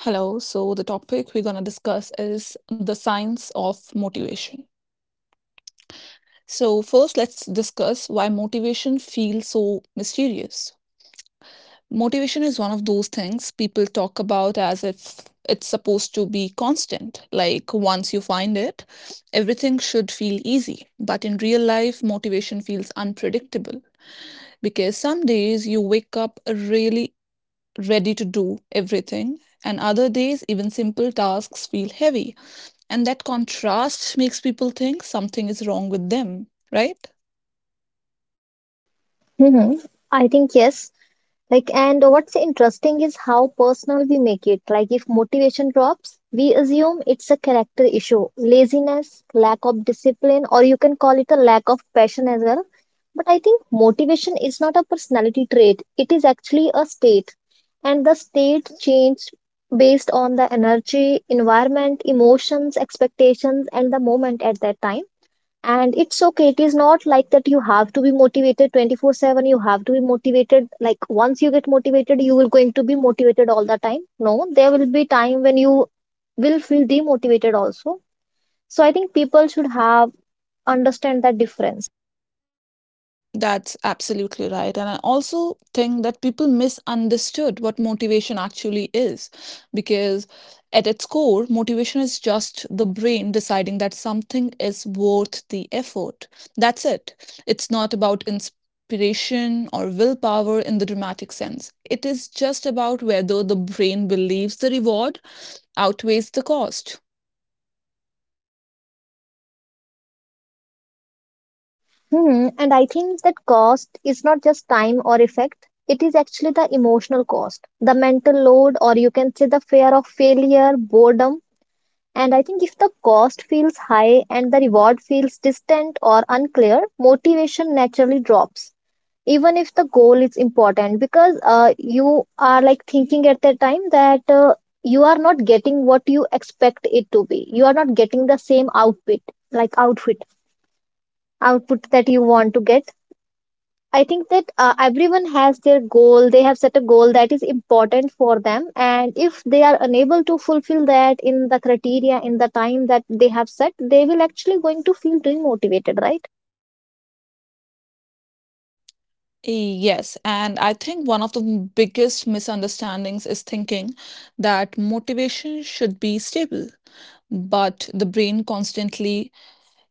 Hello. So, the topic we're going to discuss is the science of motivation. So, first, let's discuss why motivation feels so mysterious. Motivation is one of those things people talk about as if it's supposed to be constant. Like, once you find it, everything should feel easy. But in real life, motivation feels unpredictable because some days you wake up really ready to do everything, and other days, even simple tasks feel heavy. And that contrast makes people think something is wrong with them, right? Hmm. I think yes. Like, and what's interesting is how personal we make it. Like, if motivation drops, we assume it's a character issue, laziness, lack of discipline, or you can call it a lack of passion as well. But I think motivation is not a personality trait, it is actually a state. And the state changed based on the energy, environment, emotions, expectations, and the moment at that time, and it's okay. It is not like that you have to be motivated 24/7, you have to be motivated. Like, once you get motivated, you will going to be motivated all the time? No, there will be time when you will feel demotivated also. So I think people should have understand that difference. That's absolutely right. And I also think that people misunderstood what motivation actually is because, at its core, motivation is just the brain deciding that something is worth the effort. That's it. It's not about inspiration or willpower in the dramatic sense. It is just about whether the brain believes the reward outweighs the cost. Hmm. And I think that cost is not just time or effect, it is actually the emotional cost, the mental load, or you can say the fear of failure, boredom. And I think if the cost feels high and the reward feels distant or unclear, motivation naturally drops. Even if the goal is important, because you are like thinking at the time that you are not getting what you expect it to be. You are not getting the same like outfit, output that you want to get. I think that everyone has their goal. They have set a goal that is important for them. And if they are unable to fulfill that in the criteria, in the time that they have set, they will actually going to feel demotivated, right? Yes, and I think one of the biggest misunderstandings is thinking that motivation should be stable, but the brain constantly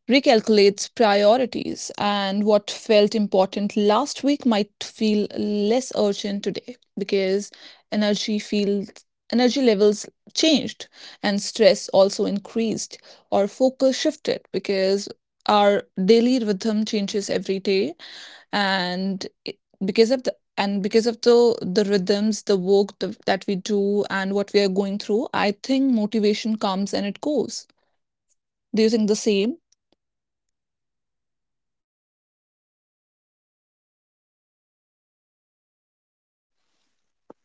recalculates priorities, and what felt important last week might feel less urgent today because energy feels energy levels changed, and stress also increased or focus shifted because our daily rhythm changes every day and because of the and because of the rhythms, the work, that we do and what we are going through, I think motivation comes and it goes. Do you think the same?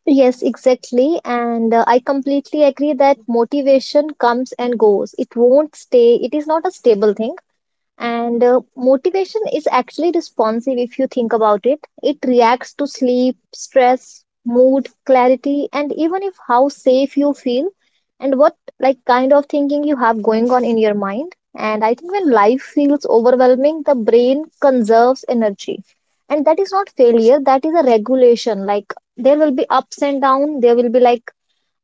Yes, exactly. And I completely agree that motivation comes and goes. It won't stay. It is not a stable thing. And motivation is actually responsive if you think about it. It reacts to sleep, stress, mood, clarity, and even if how safe you feel and what like kind of thinking you have going on in your mind. And I think when life feels overwhelming, the brain conserves energy. And that is not failure, that is a regulation. Like, there will be ups and down, there will be like,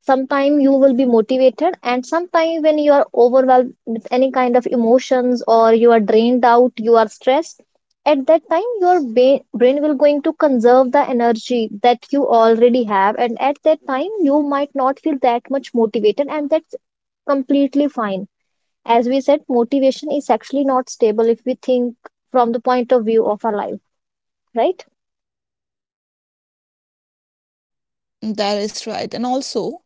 sometimes you will be motivated, and sometimes when you are overwhelmed with any kind of emotions, or you are drained out, you are stressed. At that time your brain will going to conserve the energy that you already have, and at that time you might not feel that much motivated, and that's completely fine. As we said, motivation is actually not stable if we think from the point of view of our life, right? That is right. And also,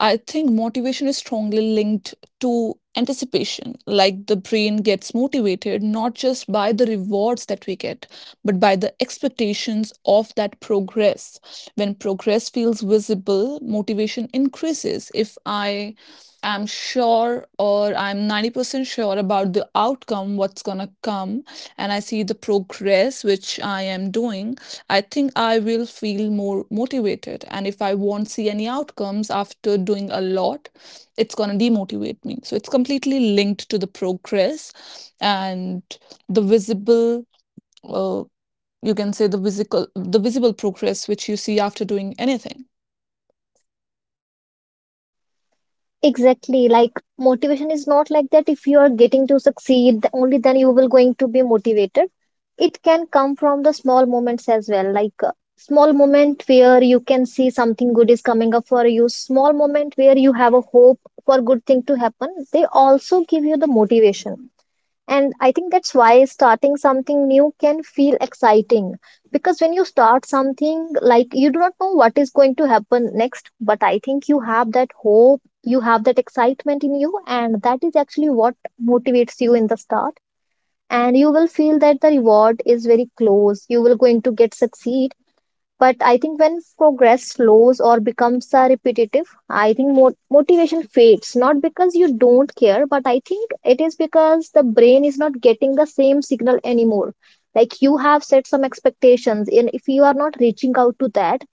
I think motivation is strongly linked to anticipation. Like the brain gets motivated not just by the rewards that we get, but by the expectations of that progress. When progress feels visible, motivation increases. If I am sure, or I'm 90% sure about the outcome, what's going to come, and I see the progress which I am doing, I think I will feel more motivated. And if I won't see any outcomes after doing a lot, it's going to demotivate me. So it's completely linked to the progress and the visible, uh, you can say the visible progress which you see after doing anything. Exactly. Like, motivation is not like that. If you are getting to succeed, only then you will going to be motivated. It can come from the small moments as well. Like, small moment where you can see something good is coming up for you. Small moment where you have a hope for good thing to happen. They also give you the motivation. And I think that's why starting something new can feel exciting. Because when you start something, like, you do not know what is going to happen next, but I think you have that hope, you have that excitement in you, and that is actually what motivates you in the start. And you will feel that the reward is very close. You will going to get succeed, but I think when progress slows or becomes repetitive, I think motivation fades. Not because you don't care, but I think it is because the brain is not getting the same signal anymore. Like, you have set some expectations, and if you are not reaching out to that,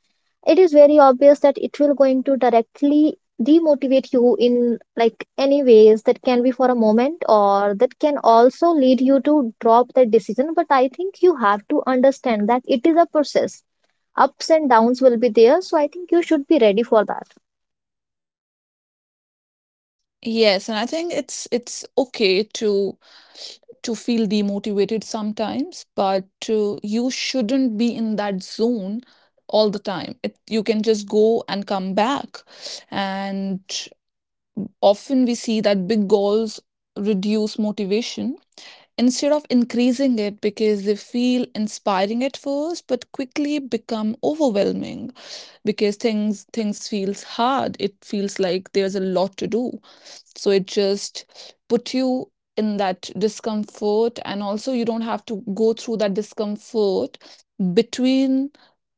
it is very obvious that it will going to directly demotivate you in like any ways. That can be for a moment, or that can also lead you to drop that decision. But I think you have to understand that it is a process. Ups and downs will be there, so I think you should be ready for that. Yes, and I think it's okay to feel demotivated sometimes, but you shouldn't be in that zone all the time. It, you can just go and come back. And often we see that big goals reduce motivation instead of increasing it because they feel inspiring at first but quickly become overwhelming because things feels hard, it feels like there's a lot to do, so it just put you in that discomfort. And also you don't have to go through that discomfort between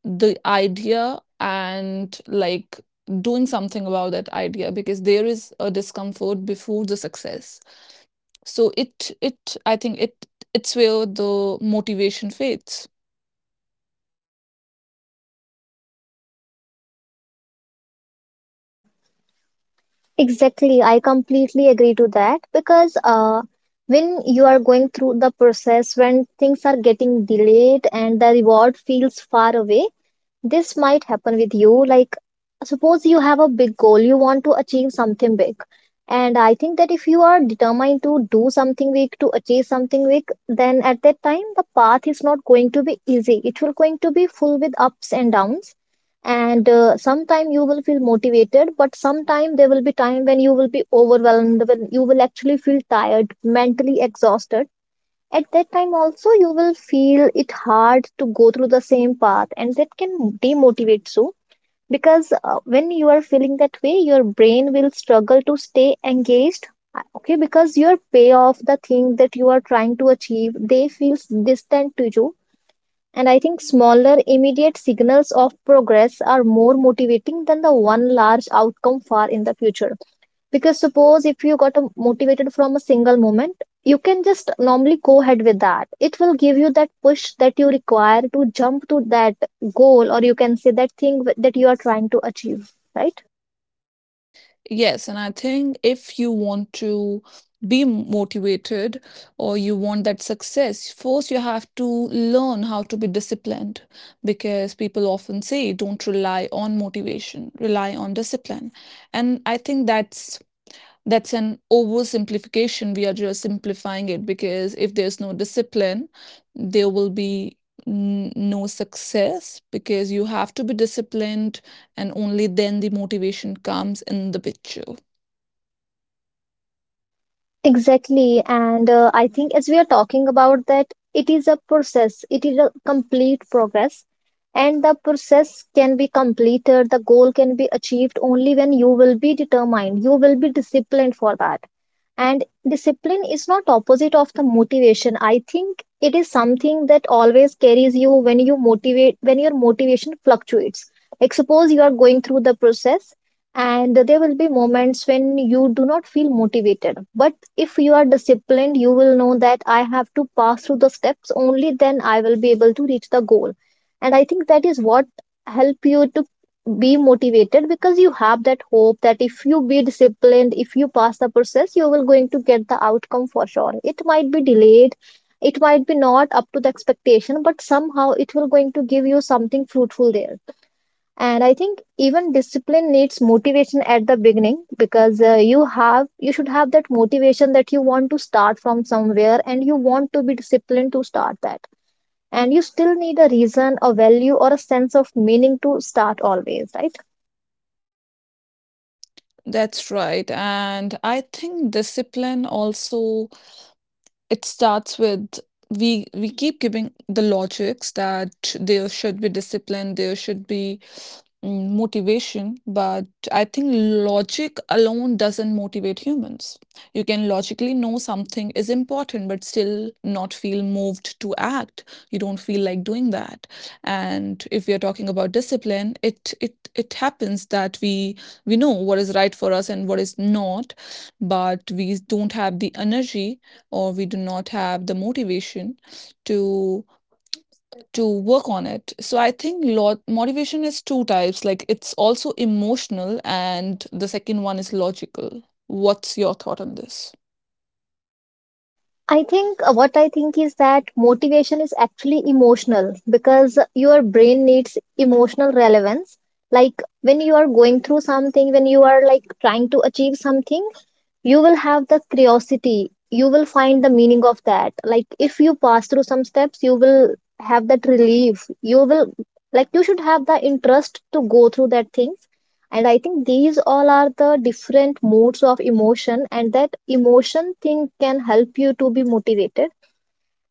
the idea and like doing something about that idea, because there is a discomfort before the success. So it I think it's where the motivation fades. Exactly, I completely agree to that, because when you are going through the process, when things are getting delayed and the reward feels far away. This might happen with you. Like, suppose you have a big goal, you want to achieve something big. And I think that if you are determined to do something big, to achieve something big, then at that time, the path is not going to be easy. It will going to be full with ups and downs. And sometime you will feel motivated, but sometime there will be time when you will be overwhelmed, when you will actually feel tired, mentally exhausted. At that time also you will feel it hard to go through the same path, and that can demotivate you. Because when you are feeling that way, your brain will struggle to stay engaged. Okay, because your payoff, the thing that you are trying to achieve, they feels distant to you. And I think smaller immediate signals of progress are more motivating than the one large outcome far in the future. Because suppose if you got motivated from a single moment, you can just normally go ahead with that. It will give you that push that you require to jump to that goal, or you can say that thing that you are trying to achieve, right? Yes, and I think if you want to be motivated or you want that success, first you have to learn how to be disciplined because people often say don't rely on motivation, rely on discipline. And I think that's an oversimplification. We are just simplifying it because if there's no discipline, there will be no success because you have to be disciplined, and only then the motivation comes in the picture. Exactly. And I think as we are talking about that, it is a process, it is a complete progress. And the process can be completed, the goal can be achieved only when you will be determined, you will be disciplined for that. And discipline is not opposite of the motivation. I think it is something that always carries you when you motivate, when your motivation fluctuates. Like, suppose you are going through the process, and there will be moments when you do not feel motivated, but if you are disciplined, you will know that I have to pass through the steps, only then I will be able to reach the goal. And I think that is what help you to be motivated, because you have that hope that if you be disciplined, if you pass the process, you will going to get the outcome for sure. It might be delayed, it might be not up to the expectation, but somehow it will going to give you something fruitful there. And I think even discipline needs motivation at the beginning, because you should have that motivation that you want to start from somewhere, and you want to be disciplined to start that. And you still need a reason, a value, or a sense of meaning to start always, right? That's right. And I think discipline also, it starts with, we keep giving the logics that there should be discipline, there should be, motivation, but I think logic alone doesn't motivate humans. You can logically know something is important, but still not feel moved to act. You don't feel like doing that. And if we are talking about discipline, it happens that we know what is right for us and what is not, but we don't have the energy, or we do not have the motivation to to work on it. So I think lot motivation is two types, like it's also emotional and the second one is logical. What's your thought on this? I think what I think is that motivation is actually emotional, because your brain needs emotional relevance. Like, when you are going through something, when you are like trying to achieve something, you will have the curiosity. You will find the meaning of that. Like, if you pass through some steps, you will have that relief. You will Like, you should have the interest to go through that thing. And I think these all are the different modes of emotion, and that emotion thing can help you to be motivated.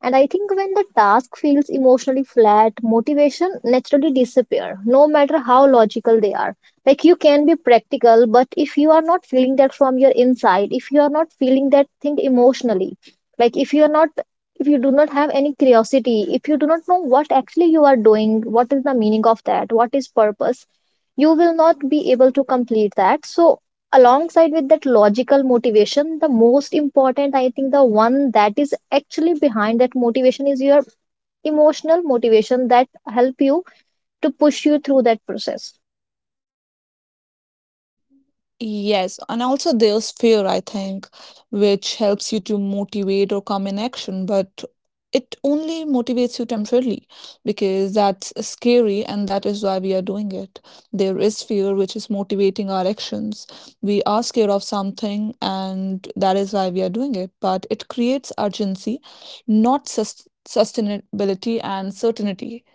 And I think when the task feels emotionally flat, motivation naturally disappear, no matter how logical they are. Like, you can be practical, but if you are not feeling that from your inside, if you are not feeling that thing emotionally, like, if you do not have any curiosity, if you do not know what actually you are doing, what is the meaning of that, what is purpose, you will not be able to complete that. So alongside with that logical motivation, the most important, I think, the one that is actually behind that motivation is your emotional motivation that help you to push you through that process. Yes, and also there's fear, I think, which helps you to motivate or come in action, but it only motivates you temporarily because that's scary and that is why we are doing it. There is fear which is motivating our actions. We are scared of something and that is why we are doing it, but it creates urgency, not sustainability and certainty.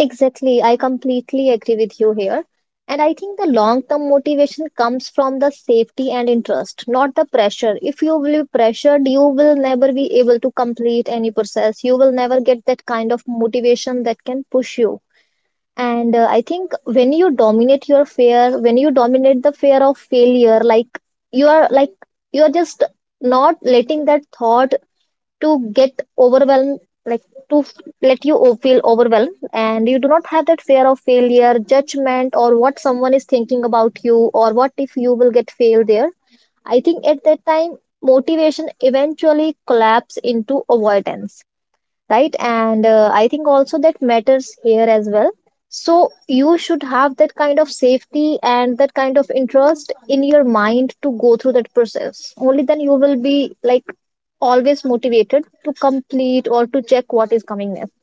Exactly, I completely agree with you here. And I think the long term motivation comes from the safety and interest, not the pressure. If you will be pressured, you will never be able to complete any process, you will never get that kind of motivation that can push you. And I think when you dominate your fear, when you dominate the fear of failure, like, you are like you are just not letting that thought to get overwhelmed, like, to f- let feel overwhelmed, and you do not have that fear of failure, judgment, or what someone is thinking about you, or what if you will get failed there. I think at that time, motivation eventually collapse into avoidance, right? And I think also that matters here as well. So you should have that kind of safety and that kind of interest in your mind to go through that process, only then you will be like always motivated to complete or to check what is coming next.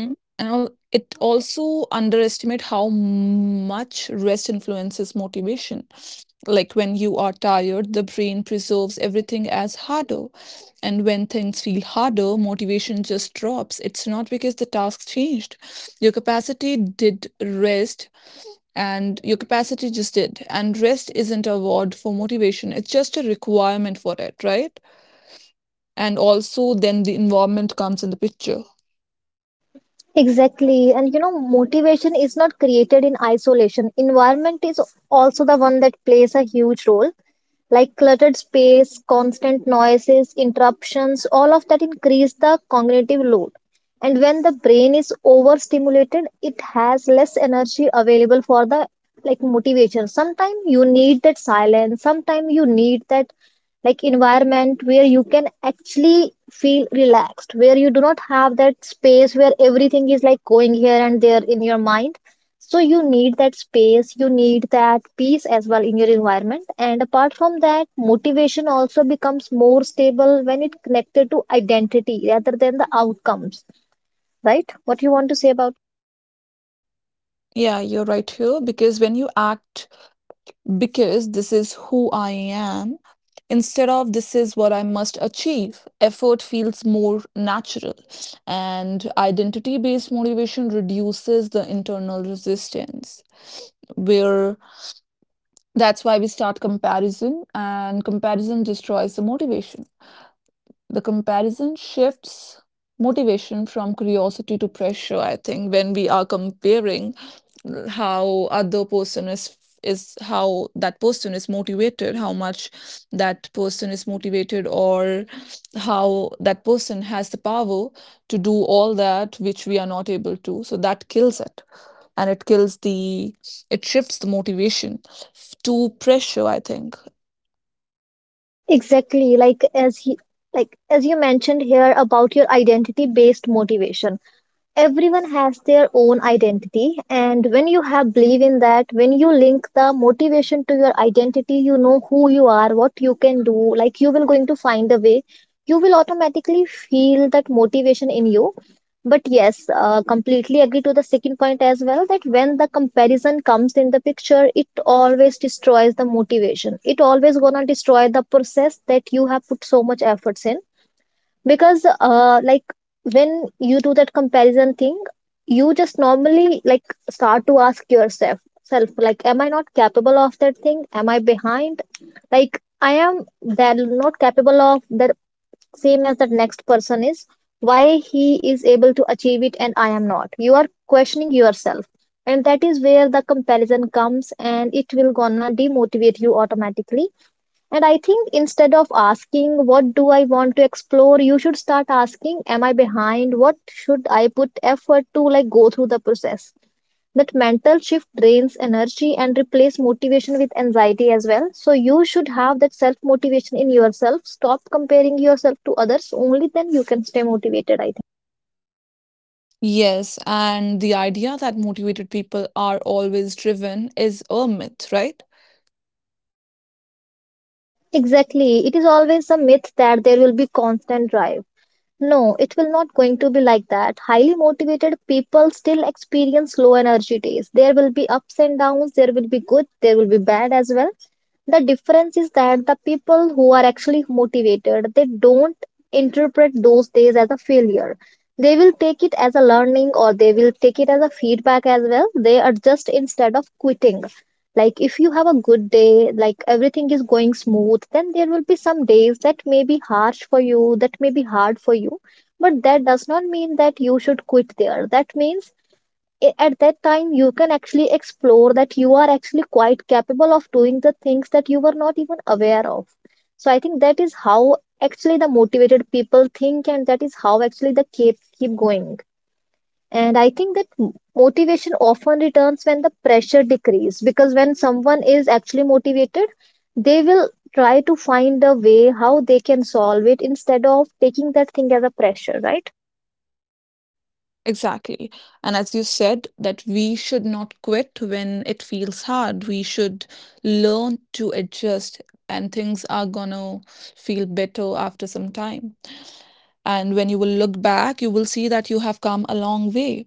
Mhm. And it also underestimate how much rest influences motivation. Like when you are tired, the brain preserves everything as harder. And when things feel harder, motivation just drops. It's not because the task changed. Your capacity did rest and your capacity just did. And rest isn't a word for motivation, it's just a requirement for it, right? And also, then the environment comes in the picture. Exactly. And you know, motivation is not created in isolation. Environment is also the one that plays a huge role. Like cluttered space, constant noises, interruptions, all of that increase the cognitive load. And when the brain is overstimulated, it has less energy available for the motivation. Sometimes you need that silence, sometimes you need that like environment where you can actually feel relaxed, where you do not have that space where everything is like going here and there in your mind, so you need that space, you need that peace as well in your environment. And apart from that, motivation also becomes more stable when it connected to identity rather than the outcomes, right? What you want to say about? Yeah, you're right here because when you act because this is who I am instead of this is what I must achieve. Effort feels more natural, and identity based motivation reduces the internal resistance. Where that's why we start comparison, and comparison destroys the motivation. The comparison shifts motivation from curiosity to pressure, I think, when we are comparing how other person is, how that person is motivated, how much that person is motivated, or how that person has the power to do all that which we are not able to. So that kills it, and it kills the, it shifts the motivation to pressure, I think. Exactly. Like as you mentioned here about your identity based motivation, everyone has their own identity, and when you have belief in that, when you link the motivation to your identity, you know who you are, what you can do, like you will going to find a way. You will automatically feel that motivation in you. But yes, completely agree to the second point as well, that when the comparison comes in the picture, it always destroys the motivation, it always gonna destroy the process that you have put so much efforts in. Because like when you do that comparison thing, you just normally like start to ask yourself self, like, am I not capable of that thing? Am I behind? Like, I am that not capable of that same as that next person is. Why he is able to achieve it and I am not? You are questioning yourself, and that is where the comparison comes and it will gonna demotivate you automatically. And I think instead of asking, what do I want to explore, you should start asking, am I behind? What should I put effort to like go through the process? That mental shift drains energy and replace motivation with anxiety as well. So you should have that self motivation in yourself. Stop comparing yourself to others. Only then you can stay motivated, I think. Yes, and the idea that motivated people are always driven is a myth, right? Exactly. It is always a myth that there will be constant drive. No, it will not going to be like that. Highly motivated people still experience low energy days. There will be ups and downs, there will be good, there will be bad as well. The difference is that the people who are actually motivated, they don't interpret those days as a failure. They will take it as a learning or they will take it as a feedback as well. They adjust instead of quitting. Like if you have a good day, like everything is going smooth, then there will be some days that may be harsh for you, that may be hard for you. But that does not mean that you should quit there. That means at that time you can actually explore that you are actually quite capable of doing the things that you were not even aware of. So I think that is how actually the motivated people think, and that is how actually they keep going. And I think that motivation often returns when the pressure decreases, because when someone is actually motivated, they will try to find a way how they can solve it instead of taking that thing as a pressure, right? Exactly. And as you said, that we should not quit when it feels hard. We should learn to adjust, and things are gonna feel better after some time. And when you will look back, you will see that you have come a long way.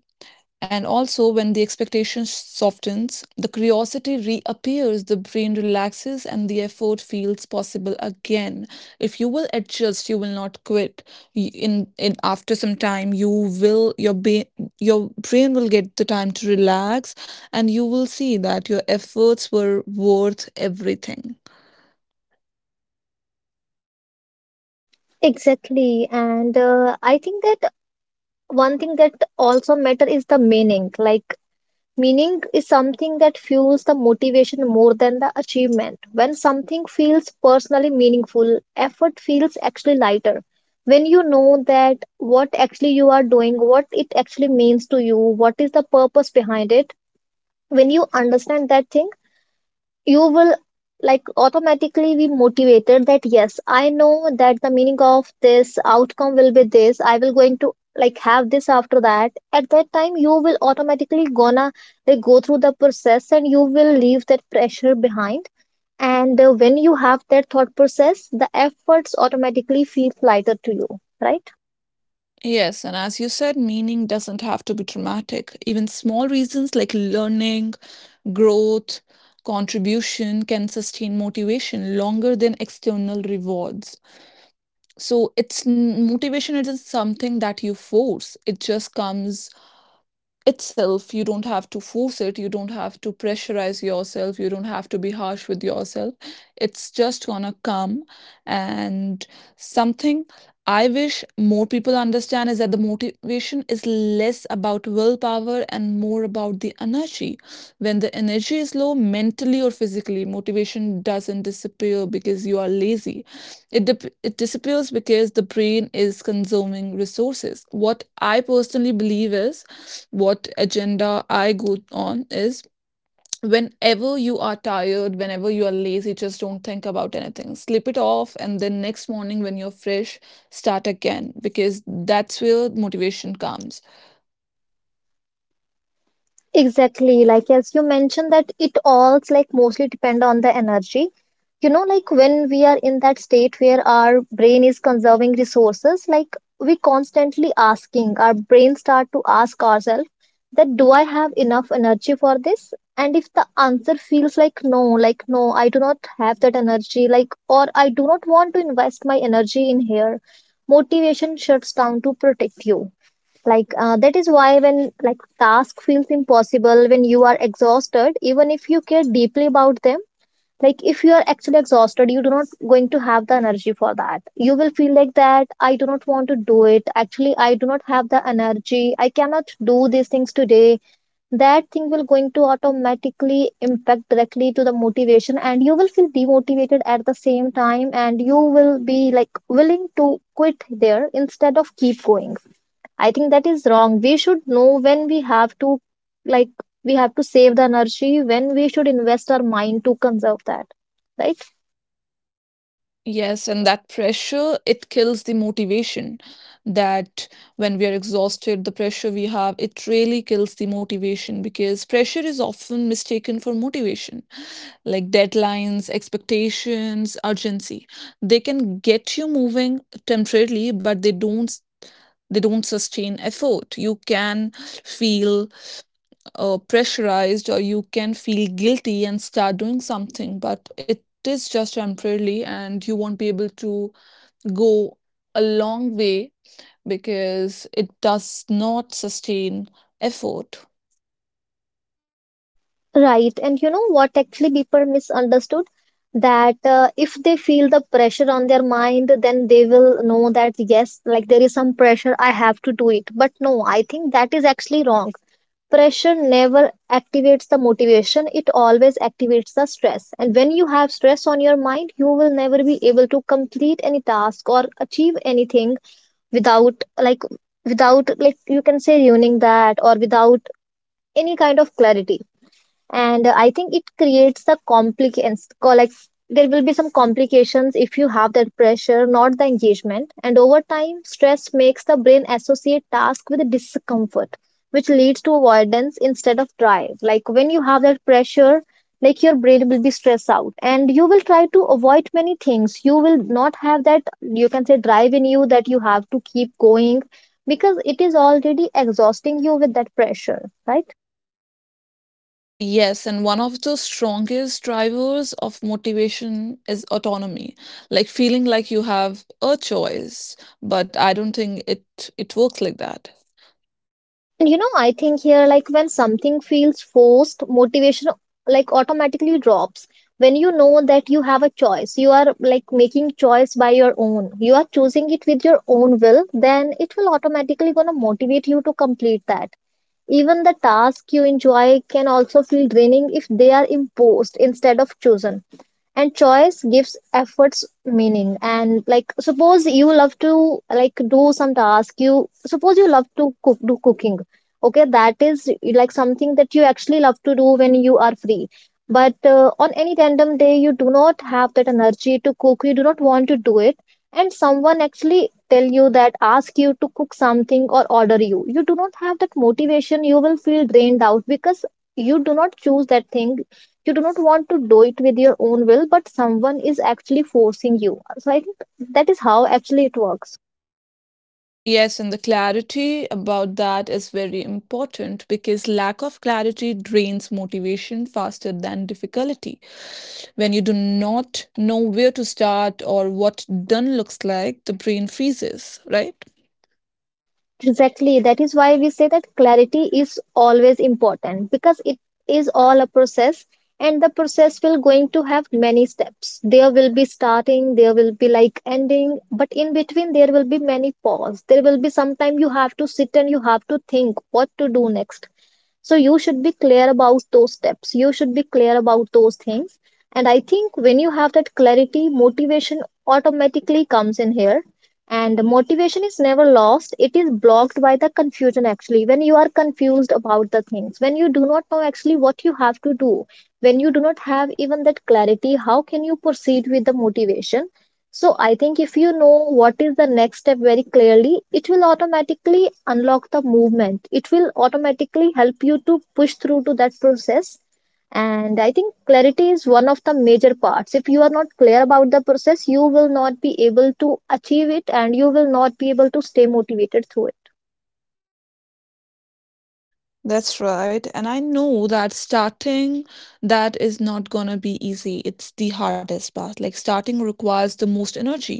And also, when the expectation softens, the curiosity reappears, the brain relaxes, and the effort feels possible again. If you will adjust, you will not quit. In after some time, you will, your brain will get the time to relax, and you will see that your efforts were worth everything. Exactly. And I think that one thing that also matter is the meaning. Like, meaning is something that fuels the motivation more than the achievement. When something feels personally meaningful, effort feels actually lighter. When you know that what actually you are doing, what it actually means to you, what is the purpose behind it, when you understand that thing, you will like automatically be motivated that yes, I know that the meaning of this outcome will be this, I will going to like have this after that. At that time you will automatically gonna like go through the process and you will leave that pressure behind. And when you have that thought process, the efforts automatically feel lighter to you, right? Yes, and as you said, meaning doesn't have to be dramatic. Even small reasons like learning, growth, contribution can sustain motivation longer than external rewards. So it's motivation isn't something that you force. It just comes itself. You don't have to force it, you don't have to pressurize yourself, you don't have to be harsh with yourself. It's just gonna come. And something I wish more people understand is that the motivation is less about willpower and more about the energy. When the energy is low, mentally or physically, motivation doesn't disappear because you are lazy. It it disappears because the brain is consuming resources. What I personally believe is, what agenda I go on is, whenever you are tired, whenever you are lazy, just don't think about anything. Slip it off, and then next morning when you're fresh, start again because that's where motivation comes. Exactly. Like as you mentioned, that it all like mostly depend on the energy. You know, like when we are in that state where our brain is conserving resources, like we constantly asking, our brain start to ask ourselves that do I have enough energy for this? And if the answer feels like no, I do not have that energy, like or I do not want to invest my energy in here, motivation shuts down to protect you. That is why when like task feels impossible when you are exhausted, even if you care deeply about them, like if you are actually exhausted, you do not going to have the energy for that. You will feel like that I do not want to do it, actually I do not have the energy, I cannot do these things today. That thing will going to automatically impact directly to the motivation, and you will feel demotivated at the same time, and you will be like willing to quit there instead of keep going. I think that is wrong. We should know when we have to, like, we have to save the energy, when we should invest our mind to conserve that, right? Yes, and that pressure, it kills the motivation. That when we are exhausted, the pressure we have, it really kills the motivation because pressure is often mistaken for motivation. Like deadlines, expectations, urgency. They can get you moving temporarily, but they don't sustain effort. You can feel, pressurized, or you can feel guilty and start doing something, but it is just temporarily and you won't be able to go a long way because it does not sustain effort. Right. And you know what actually people misunderstood? That if they feel the pressure on their mind, then they will know that, yes, like, there is some pressure, I have to do it. But no, I think that is actually wrong. Pressure never activates the motivation, it always activates the stress, and when you have stress on your mind, you will never be able to complete any task or achieve anything without like, without like, you can say ruining that, or without any kind of clarity. And I think it creates a complications. Like, there will be some complications if you have that pressure, not the engagement. And over time, stress makes the brain associate task with discomfort, which leads to avoidance instead of drive. Like when you have that pressure, like your brain will be stressed out and you will try to avoid many things. You will not have that, you can say, drive in you that you have to keep going, because it is already exhausting you with that pressure, right? Yes, and one of the strongest drivers of motivation is autonomy, like feeling like you have a choice, but I don't think it works like that. And you know, I think here, like when something feels forced, motivation like automatically drops. When you know that you have a choice, you are like making choice by your own, you are choosing it with your own will, then it will automatically gonna motivate you to complete that. Even the task you enjoy can also feel draining if they are imposed instead of chosen. And choice gives efforts meaning. And like suppose you love to like do some task, you suppose you love to cook, do cooking. Okay, that is like something that you actually love to do when you are free. But on any random day you do not have that energy to cook, you do not want to do it, and someone actually tell you that, ask you to cook something or order you, you do not have that motivation. You will feel drained out because you do not choose that thing, you do not want to do it with your own will, but someone is actually forcing you. So I think that is how actually it works. Yes, and the clarity about that is very important because lack of clarity drains motivation faster than difficulty. When you do not know where to start or what done looks like, the brain freezes, right? Exactly, that is why we say that clarity is always important, because it is all a process, and the process will going to have many steps. There will be starting, there will be like ending, but in between there will be many pause, there will be sometime you have to sit and you have to think what to do next. So you should be clear about those steps, you should be clear about those things. And I think when you have that clarity, motivation automatically comes in here. And the motivation is never lost, it is blocked by the confusion actually. When you are confused about the things, when you do not know actually what you have to do, when you do not have even that clarity, how can you proceed with the motivation? So I think if you know what is the next step very clearly, it will automatically unlock the movement. It will automatically help you to push through to that process. And I think clarity is one of the major parts. If you are not clear about the process, you will not be able to achieve it, and you will not be able to stay motivated through it. That's right. And I know that starting, that is not gonna be easy. It's the hardest part. Like starting requires the most energy.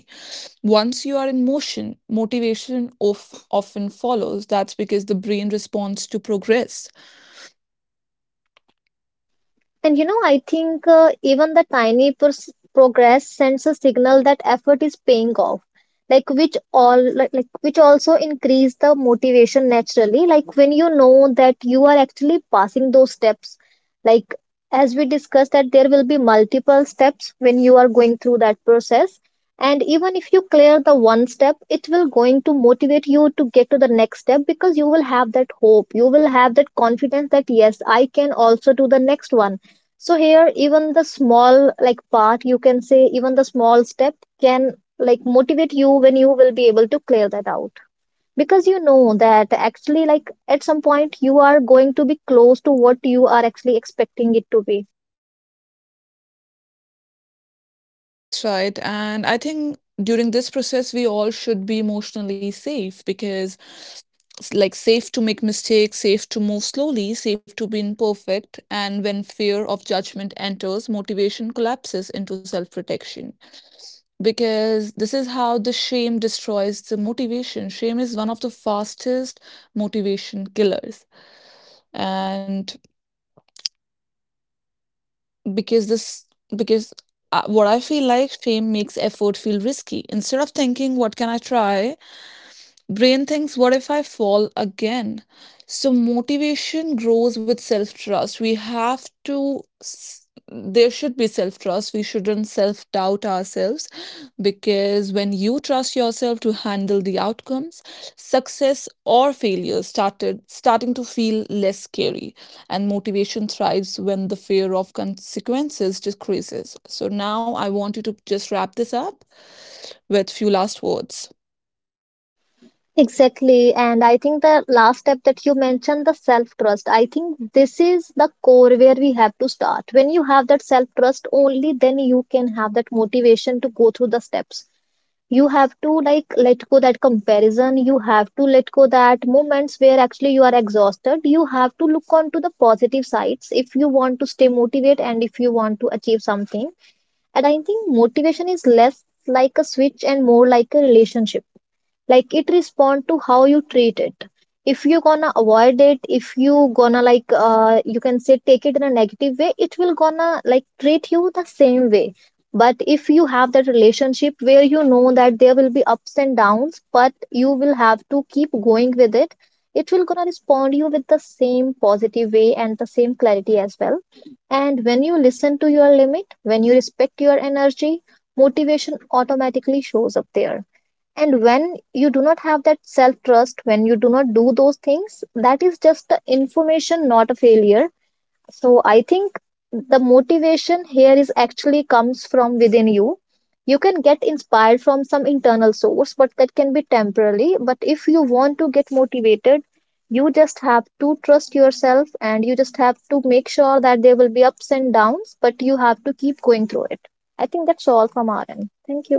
Once you are in motion, motivation of, often follows. That's because the brain responds to progress. And you know, I think even the tiny progress sends a signal that effort is paying off. Like which all like which also increase the motivation naturally. Like when you know that you are actually passing those steps. Like as we discussed, that there will be multiple steps when you are going through that process. And even if you clear the one step, it will going to motivate you to get to the next step, because you will have that hope. You will have that confidence that yes, I can also do the next one. So here, even the small like part, you can say even the small step can like motivate you when you will be able to clear that out. Because you know that actually like at some point you are going to be close to what you are actually expecting it to be. That's right. And I think during this process, we all should be emotionally safe because, like, safe to make mistakes, safe to move slowly, safe to be imperfect. And when fear of judgment enters, motivation collapses into self protection. Because this is how the shame destroys the motivation. Shame is one of the fastest motivation killers. And because this, because, what I feel like, shame makes effort feel risky. Instead of thinking what can I try, brain thinks, what if I fall again? So motivation grows with self trust. We have to, there should be self trust. We shouldn't self doubt ourselves because when you trust yourself to handle the outcomes, success or failure started starting to feel less scary. And motivation thrives when the fear of consequences decreases. So now I want you to just wrap this up with few last words. Exactly. And I think the last step that you mentioned, the self-trust. I think this is the core where we have to start. When you have that self-trust, only then you can have that motivation to go through the steps. You have to like let go that comparison, you have to let go that moments where actually you are exhausted. You have to look on to the positive sides if you want to stay motivated and if you want to achieve something. And I think motivation is less like a switch and more like a relationship. Like, it respond to how you treat it. If you gonna avoid it, if you gonna like you can say take it in a negative way, it will gonna like treat you the same way. But if you have that relationship where you know that there will be ups and downs, but you will have to keep going with it, it will gonna respond you with the same positive way and the same clarity as well. And when you listen to your limit, when you respect your energy, motivation automatically shows up there. And when you do not have that self trust, when you do not do those things, that is just the information, not a failure. So I think the motivation here is actually comes from within you. You can get inspired from some internal source, but that can be temporarily. But if you want to get motivated, you just have to trust yourself, and you just have to make sure that there will be ups and downs, but you have to keep going through it. I think that's all from our end. Thank you.